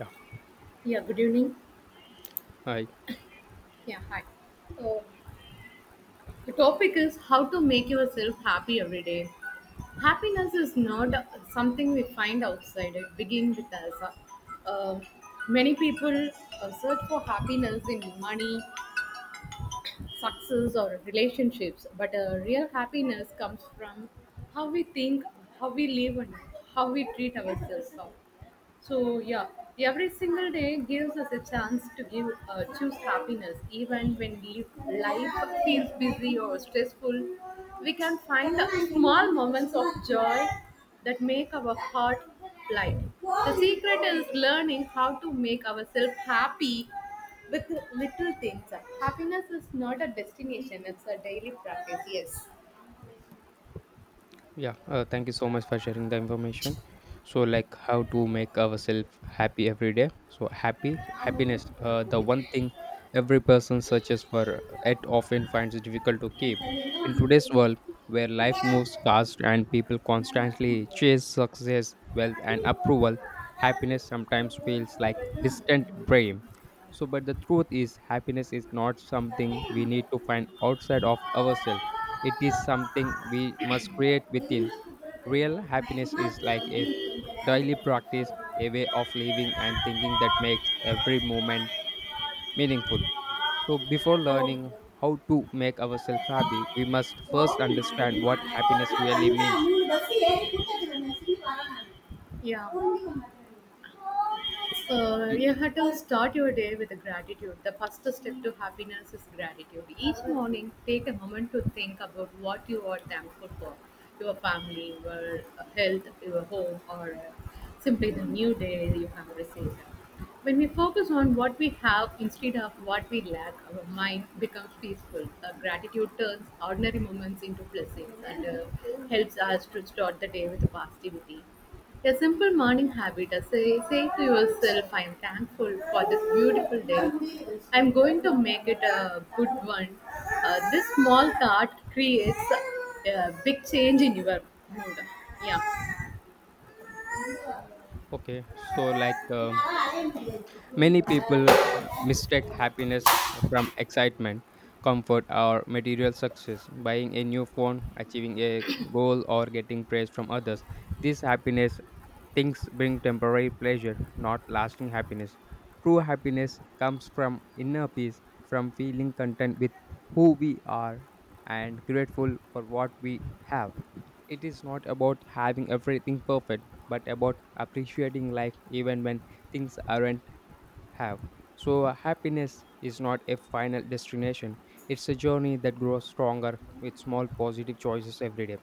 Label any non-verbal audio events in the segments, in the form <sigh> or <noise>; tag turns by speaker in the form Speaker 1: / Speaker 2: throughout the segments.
Speaker 1: Yeah.
Speaker 2: Yeah, good evening.
Speaker 1: Hi.
Speaker 2: Yeah, hi. So the topic is how to make yourself happy every day. Happiness is not something we find outside. It begins with us. Uh, many people search for happiness in money, success, or relationships, but real happiness comes from how we think, how we live, and how we treat ourselves. So yeah, every single day gives us a chance to give choose happiness. Even when we life feels busy or stressful, we can find small moments of joy that make our heart light. The secret is learning how to make ourselves happy with little things. Happiness is not a destination; it's a daily practice.
Speaker 1: Yeah, thank you so much for sharing the information. So, like, how to make ourselves happy every day. So, happy happiness, the one thing
Speaker 2: Yes.
Speaker 1: every person searches for, it often finds it difficult to keep. In today's world, where life moves fast and people constantly chase success, wealth, and approval, happiness sometimes feels like distant dream. So, but the truth is, happiness is not something we need to find outside of ourselves. It is something we must create within. Real happiness
Speaker 2: மயக்கமா
Speaker 1: is
Speaker 2: இருக்கு
Speaker 1: like
Speaker 2: சாமி,
Speaker 1: a
Speaker 2: கொஞ்ச நேரம்
Speaker 1: daily practice,
Speaker 2: இருக்காது
Speaker 1: a way of living and thinking that makes every moment meaningful. So, before learning
Speaker 2: போகுது
Speaker 1: how to make ourselves happy, we must
Speaker 2: oh
Speaker 1: first
Speaker 2: mayo
Speaker 1: understand what
Speaker 2: मायो अब
Speaker 1: happiness
Speaker 2: तक
Speaker 1: really
Speaker 2: अंता
Speaker 1: means.
Speaker 2: मूल बसी है कि पूछा करना सीन पारा ना।
Speaker 1: So,
Speaker 2: So
Speaker 1: mm,
Speaker 2: you have to start your day with a gratitude. The first step to happiness is gratitude. Each morning, take a moment to think about what you are thankful for your family, your health, your home, or simply the new day you have received. When we focus on what we have instead of what we lack, our mind becomes peaceful. Gratitude turns ordinary moments into blessings and helps us to start the day with positivity. A simple morning habit is saying to yourself, I am thankful for this beautiful day. I am going to make it a good one. This small thought creates a big change in your mood. Yeah.
Speaker 1: okay, so like. Many people mistake happiness from excitement, comfort, or material success. Buying a new phone, achieving a goal, or getting praise from others. These happiness things bring temporary pleasure, not lasting happiness. True happiness comes from inner peace, from feeling content with who we are and grateful for what we have. It is not about having everything perfect, but about appreciating life even when things aren't have. So, happiness is not a final destination, it's a journey that grows stronger with small positive choices every day.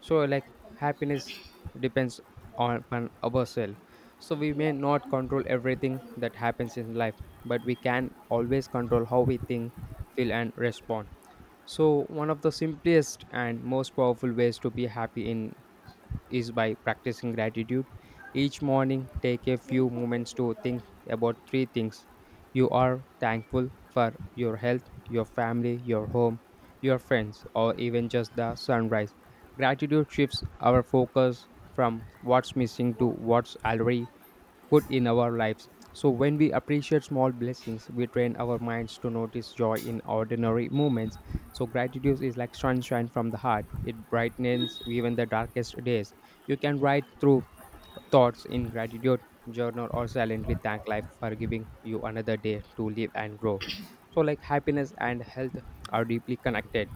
Speaker 1: So, like, happiness depends on upon ourselves. So, we may not control everything that happens in life, but we can always control how we think, feel, and respond. So, one of the simplest and most powerful ways to be happy in is by practicing gratitude. Each morning, take a few moments to think about three things you are thankful for your health, your family, your home, your friends, or even just the sunrise. Gratitude shifts our focus from what's missing to what's already good in our lives. So, when we appreciate small blessings, we train our minds to notice joy in ordinary moments. So, gratitude is like sunshine from the heart, it brightens even the darkest days. You can write through thoughts in gratitude, journal, or silently thank life for giving you another day to live and grow. So, like, happiness and health are deeply connected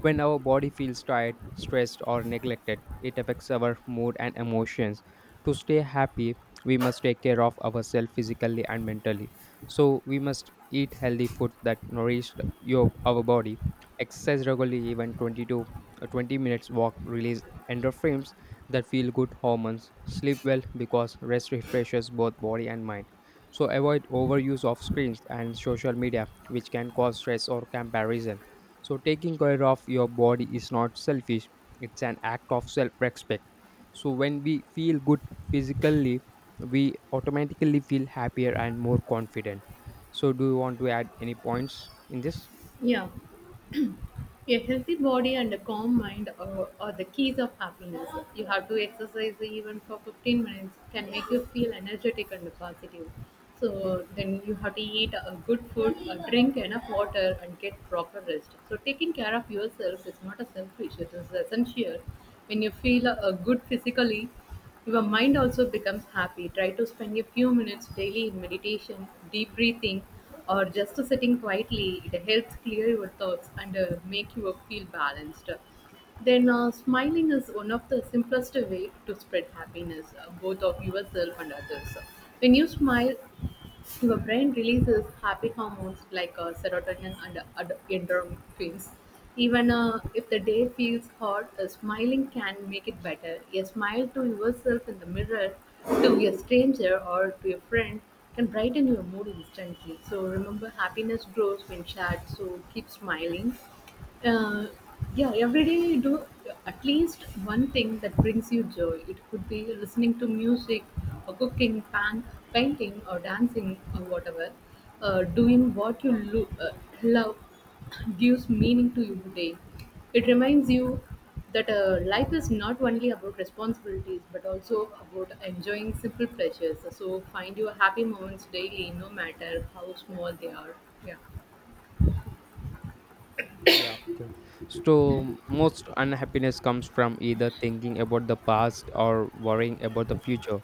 Speaker 1: when our body feels tired, stressed, or neglected, it affects our mood and emotions. To stay happy, we must take care of ourselves physically and mentally. So, we must eat healthy foods that nourish our body, exercise regularly, even 20 to 20 minutes walk release endorphins that feel good hormones, sleep well because rest refreshes both body and mind. So, avoid overuse of screens and social media, which can cause stress or comparison, so taking care of your body is not selfish, it's an act of self respect. So, when we feel good physically, we automatically feel happier and more confident. So, do you want to add any points in this?
Speaker 2: Yeah. A healthy body and a calm mind are the keys of happiness. You have to exercise even for 15 minutes can make you feel energetic and positive. So then you have to eat a good food, drink enough water, and get proper rest. So taking care of yourself is not a selfish; it is essential. When you feel good physically, your mind also becomes happy. Try to spend a few minutes daily in meditation, deep breathing, or just sitting quietly. It helps clear your thoughts and make you feel balanced. Then smiling is one of the simplest way to spread happiness, both of yourself and others. When you smile, your brain releases happy hormones like serotonin and endorphins. Even if the day feels hard, smiling can make it better. A smile to yourself in the mirror, to a stranger, or to a friend can brighten your mood instantly. So remember, happiness grows when shared, so keep smiling. Uh, yeah every day you do at least one thing that brings you joy. It could be listening to music or painting or dancing or whatever, doing what you love <clears throat> gives meaning to your day. It reminds you that life is not only about responsibilities but also about enjoying simple pleasures. So find your happy moments daily no matter how small they are. Yeah.
Speaker 1: Yeah, okay. So most unhappiness comes from either thinking about the past or worrying about the future.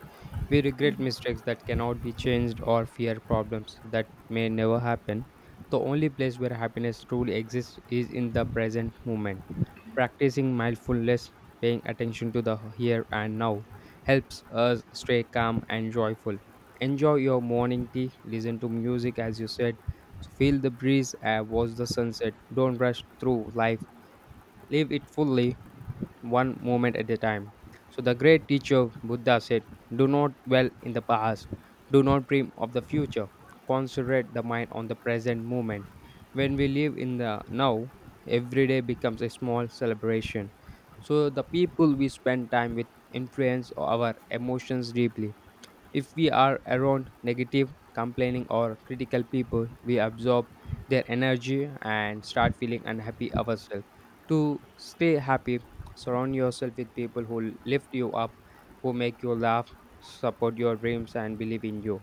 Speaker 1: We regret mistakes that cannot be changed or fear problems that may never happen. The only place where happiness truly exists is in the present moment. Practicing mindfulness, paying attention to the here and now, helps us stay calm and joyful. Enjoy your morning tea, listen to music as you said. So, feel the breeze, and watch the sunset. Don't rush through life, live it fully one moment at a time. So the great teacher Buddha said, do not dwell in the past, do not dream of the future, concentrate the mind on the present moment. When we live in the now, every day becomes a small celebration. So the people we spend time with influence our emotions deeply. If we are around negative, complaining, or critical people, we absorb their energy and start feeling unhappy ourselves. To stay happy, surround yourself with people who lift you up, who make you laugh, support your dreams, and believe in you.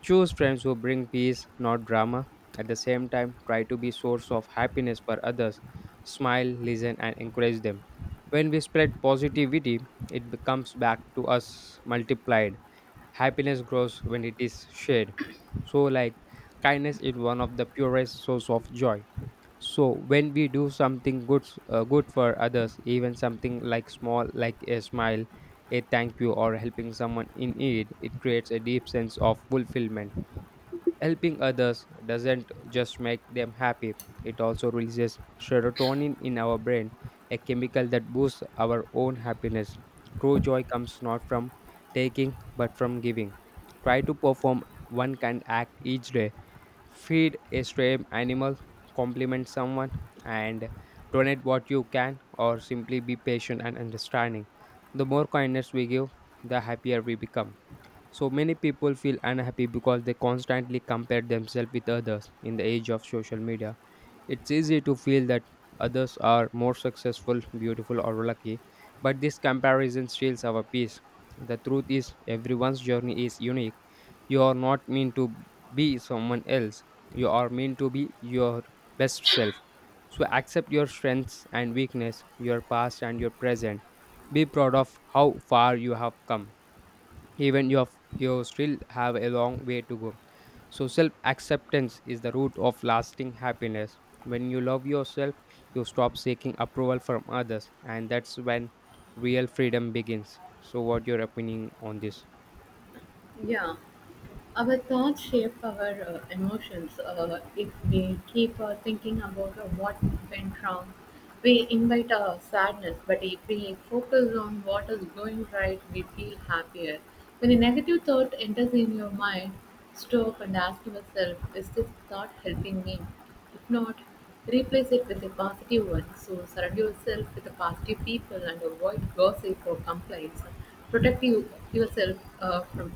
Speaker 1: Choose friends who bring peace, not drama. At the same time, try to be source of happiness for others. Smile, listen, and encourage them. When we spread positivity, it becomes back to us multiplied. Happiness grows when it is shared. So, like, kindness is one of the purest source of joy. So, when we do something good for others, even something like small, like a smile, a thank you, or helping someone in need, it creates a deep sense of fulfillment. Helping others doesn't just make them happy, it also releases serotonin in our brain, a chemical that boosts our own happiness. True joy comes not from taking but from giving. Try to perform one kind act each day. Feed a stray animal, compliment someone, and donate what you can, or simply be patient and understanding. The more kindness we give, the happier we become. So many people feel unhappy because they constantly compare themselves with others in the age of social media. It's easy to feel that others are more successful, beautiful, or lucky, but this comparison steals our peace. The truth is, everyone's journey is unique. You are not meant to be someone else, you are meant to be your best self. So accept your strengths and weakness, your past and your present. Be proud of how far you have come, even you still have a long way to go. So self acceptance is the root of lasting happiness. When you love yourself, you stop seeking approval from others, and that's when real freedom begins. So what your opinion on this?
Speaker 2: Yeah. Our thoughts shape our emotions. If we keep thinking about what went wrong, we invite sadness. But if we focus on what is going right, we feel happier. When a negative thought enters in your mind, stop and ask yourself, is this thought helping me? If not, replace it with a positive one. So surround yourself with the positive people and avoid gossip or complaints. Protect you, yourself uh, from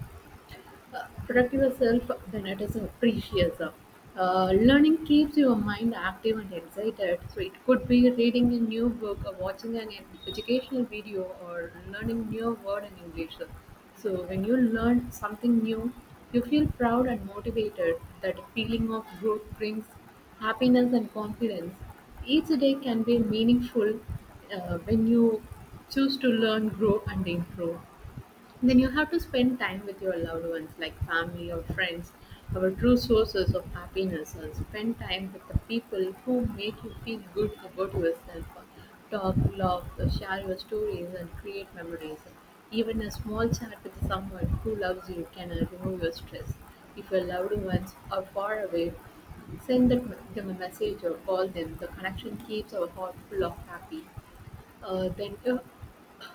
Speaker 2: uh, protect yourself then it is precious. Learning keeps your mind active and excited. So it could be reading a new book or watching an educational video or learning new word in english. So when you learn something new you feel proud and motivated. That feeling of growth brings happiness and confidence. Each day can be meaningful when you choose to learn, grow and improve. Then you have to spend time with your loved ones, like family or friends, our true sources of happiness, and spend time with the people who make you feel good about yourself. Talk, laugh, share your stories, and create memories. Even a small chat with someone who loves you can remove your stress. If your loved ones are far away, send them a message or call them. The connection keeps our heart full of happy. Then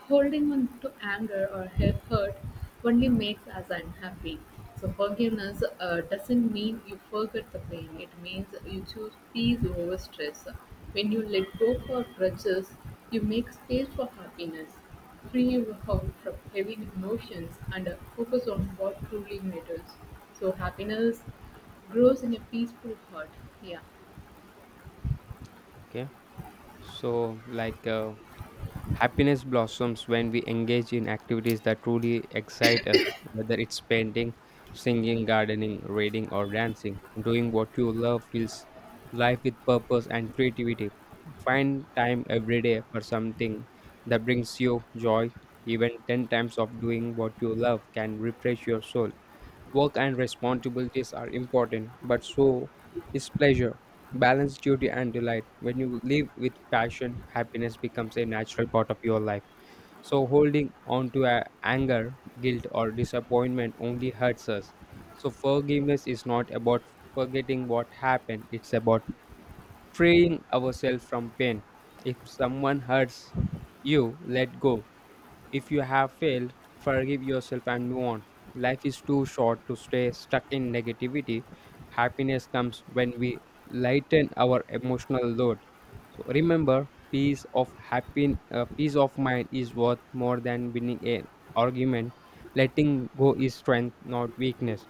Speaker 2: Holding on to anger or hurt only makes us unhappy. So forgiveness doesn't mean you forget the pain. It means you choose peace over stress. When you let go for grudges, you make space for happiness. Free yourself from heavy emotions and focus on what truly matters. So happiness grows in a peaceful heart. Yeah.
Speaker 1: Okay, so like, happiness blossoms when we engage in activities that truly excite us, whether it's painting, singing, gardening, reading, or dancing. Doing what you love fills life with purpose and creativity. Find time every day for something that brings you joy. Even 10 times of doing what you love can refresh your soul. Work and responsibilities are important, but so is pleasure. Balance duty and delight. When you live with passion, happiness becomes a natural part of your life. So holding on to anger, guilt, or disappointment only hurts us. So forgiveness is not about forgetting what happened, it's about freeing ourselves from pain. If someone hurts you, let go. If you have failed, forgive yourself and move on. Life is too short to stay stuck in negativity. Happiness comes when we lighten our emotional load. So remember, peace of mind is worth more than winning an argument. Letting go is strength, not weakness.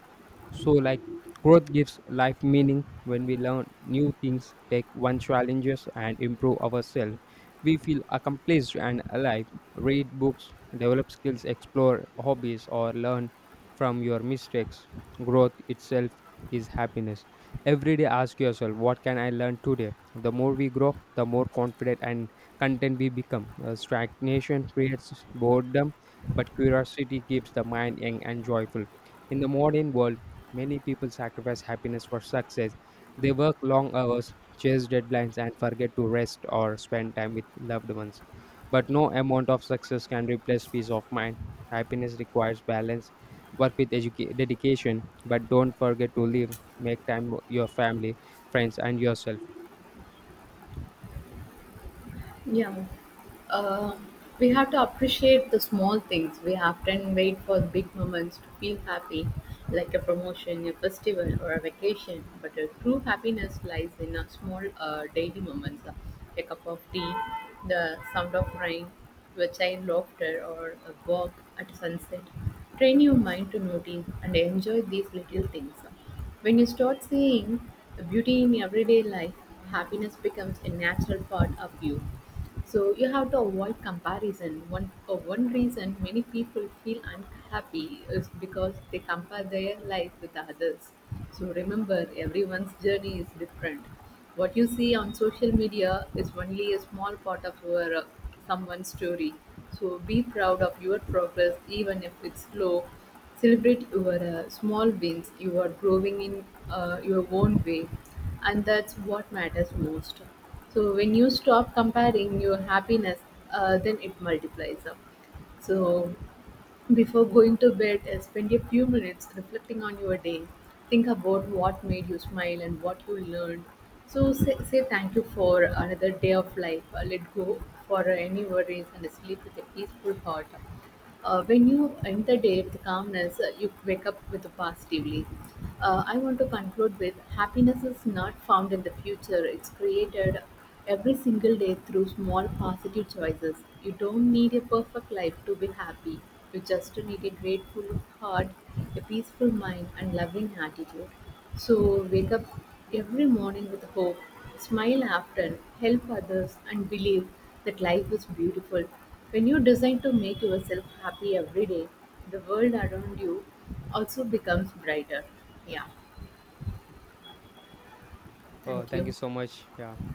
Speaker 1: So, like, growth gives life meaning when we learn new things, take one challenges, and improve ourselves. We feel accomplished and alive. Read books, develop skills, explore hobbies, or learn from your mistakes. Growth itself is happiness. Every day, ask yourself, what can I learn today? The more we grow, the more confident and content we become. Stagnation creates boredom, but curiosity keeps the mind young and joyful. In the modern world, many people sacrifice happiness for success. They work long hours, chase deadlines, and forget to rest or spend time with loved ones. But no amount of success can replace peace of mind. Happiness requires balance. Work with dedication, but don't forget to live. Make time for your family, friends, and yourself.
Speaker 2: Yeah. Uh, we have to appreciate the small things. We often wait for big moments to feel happy, like a promotion, a festival, or a vacation. But a true happiness lies in a small daily moments, a cup of tea, the sound of rain, your child laughter, or a walk at sunset. Train your mind to notice and enjoy these little things. When you start seeing the beauty in everyday life, happiness becomes a natural part of you. So you have to avoid comparison. One for one reason many people feel unhappy is because they compare their life with others. So remember, everyone's journey is different. What you see on social media is only a small part of your someone's story. So be proud of your progress, even if it's slow. Celebrate your small wins. You are growing in your own way, and that's what matters most. So when you stop comparing your happiness, then it multiplies up. So before going to bed, spend a few minutes reflecting on your day. Think about what made you smile and what you learned. So say thank you for another day of life. Let go for any worries and sleep with a peaceful heart. When you end the day with calmness, you wake up with positively. I want to conclude with happiness is not found in the future; it's created every single day through small positive choices. You don't need a perfect life to be happy. You just need a grateful heart, a peaceful mind, and loving attitude. So wake up every morning with hope, smile often, help others, and believe that life is beautiful. When you decide to make yourself happy every day, the world around you also becomes brighter. Yeah,
Speaker 1: Oh,
Speaker 2: thank
Speaker 1: thank you
Speaker 2: you.
Speaker 1: so much. Yeah,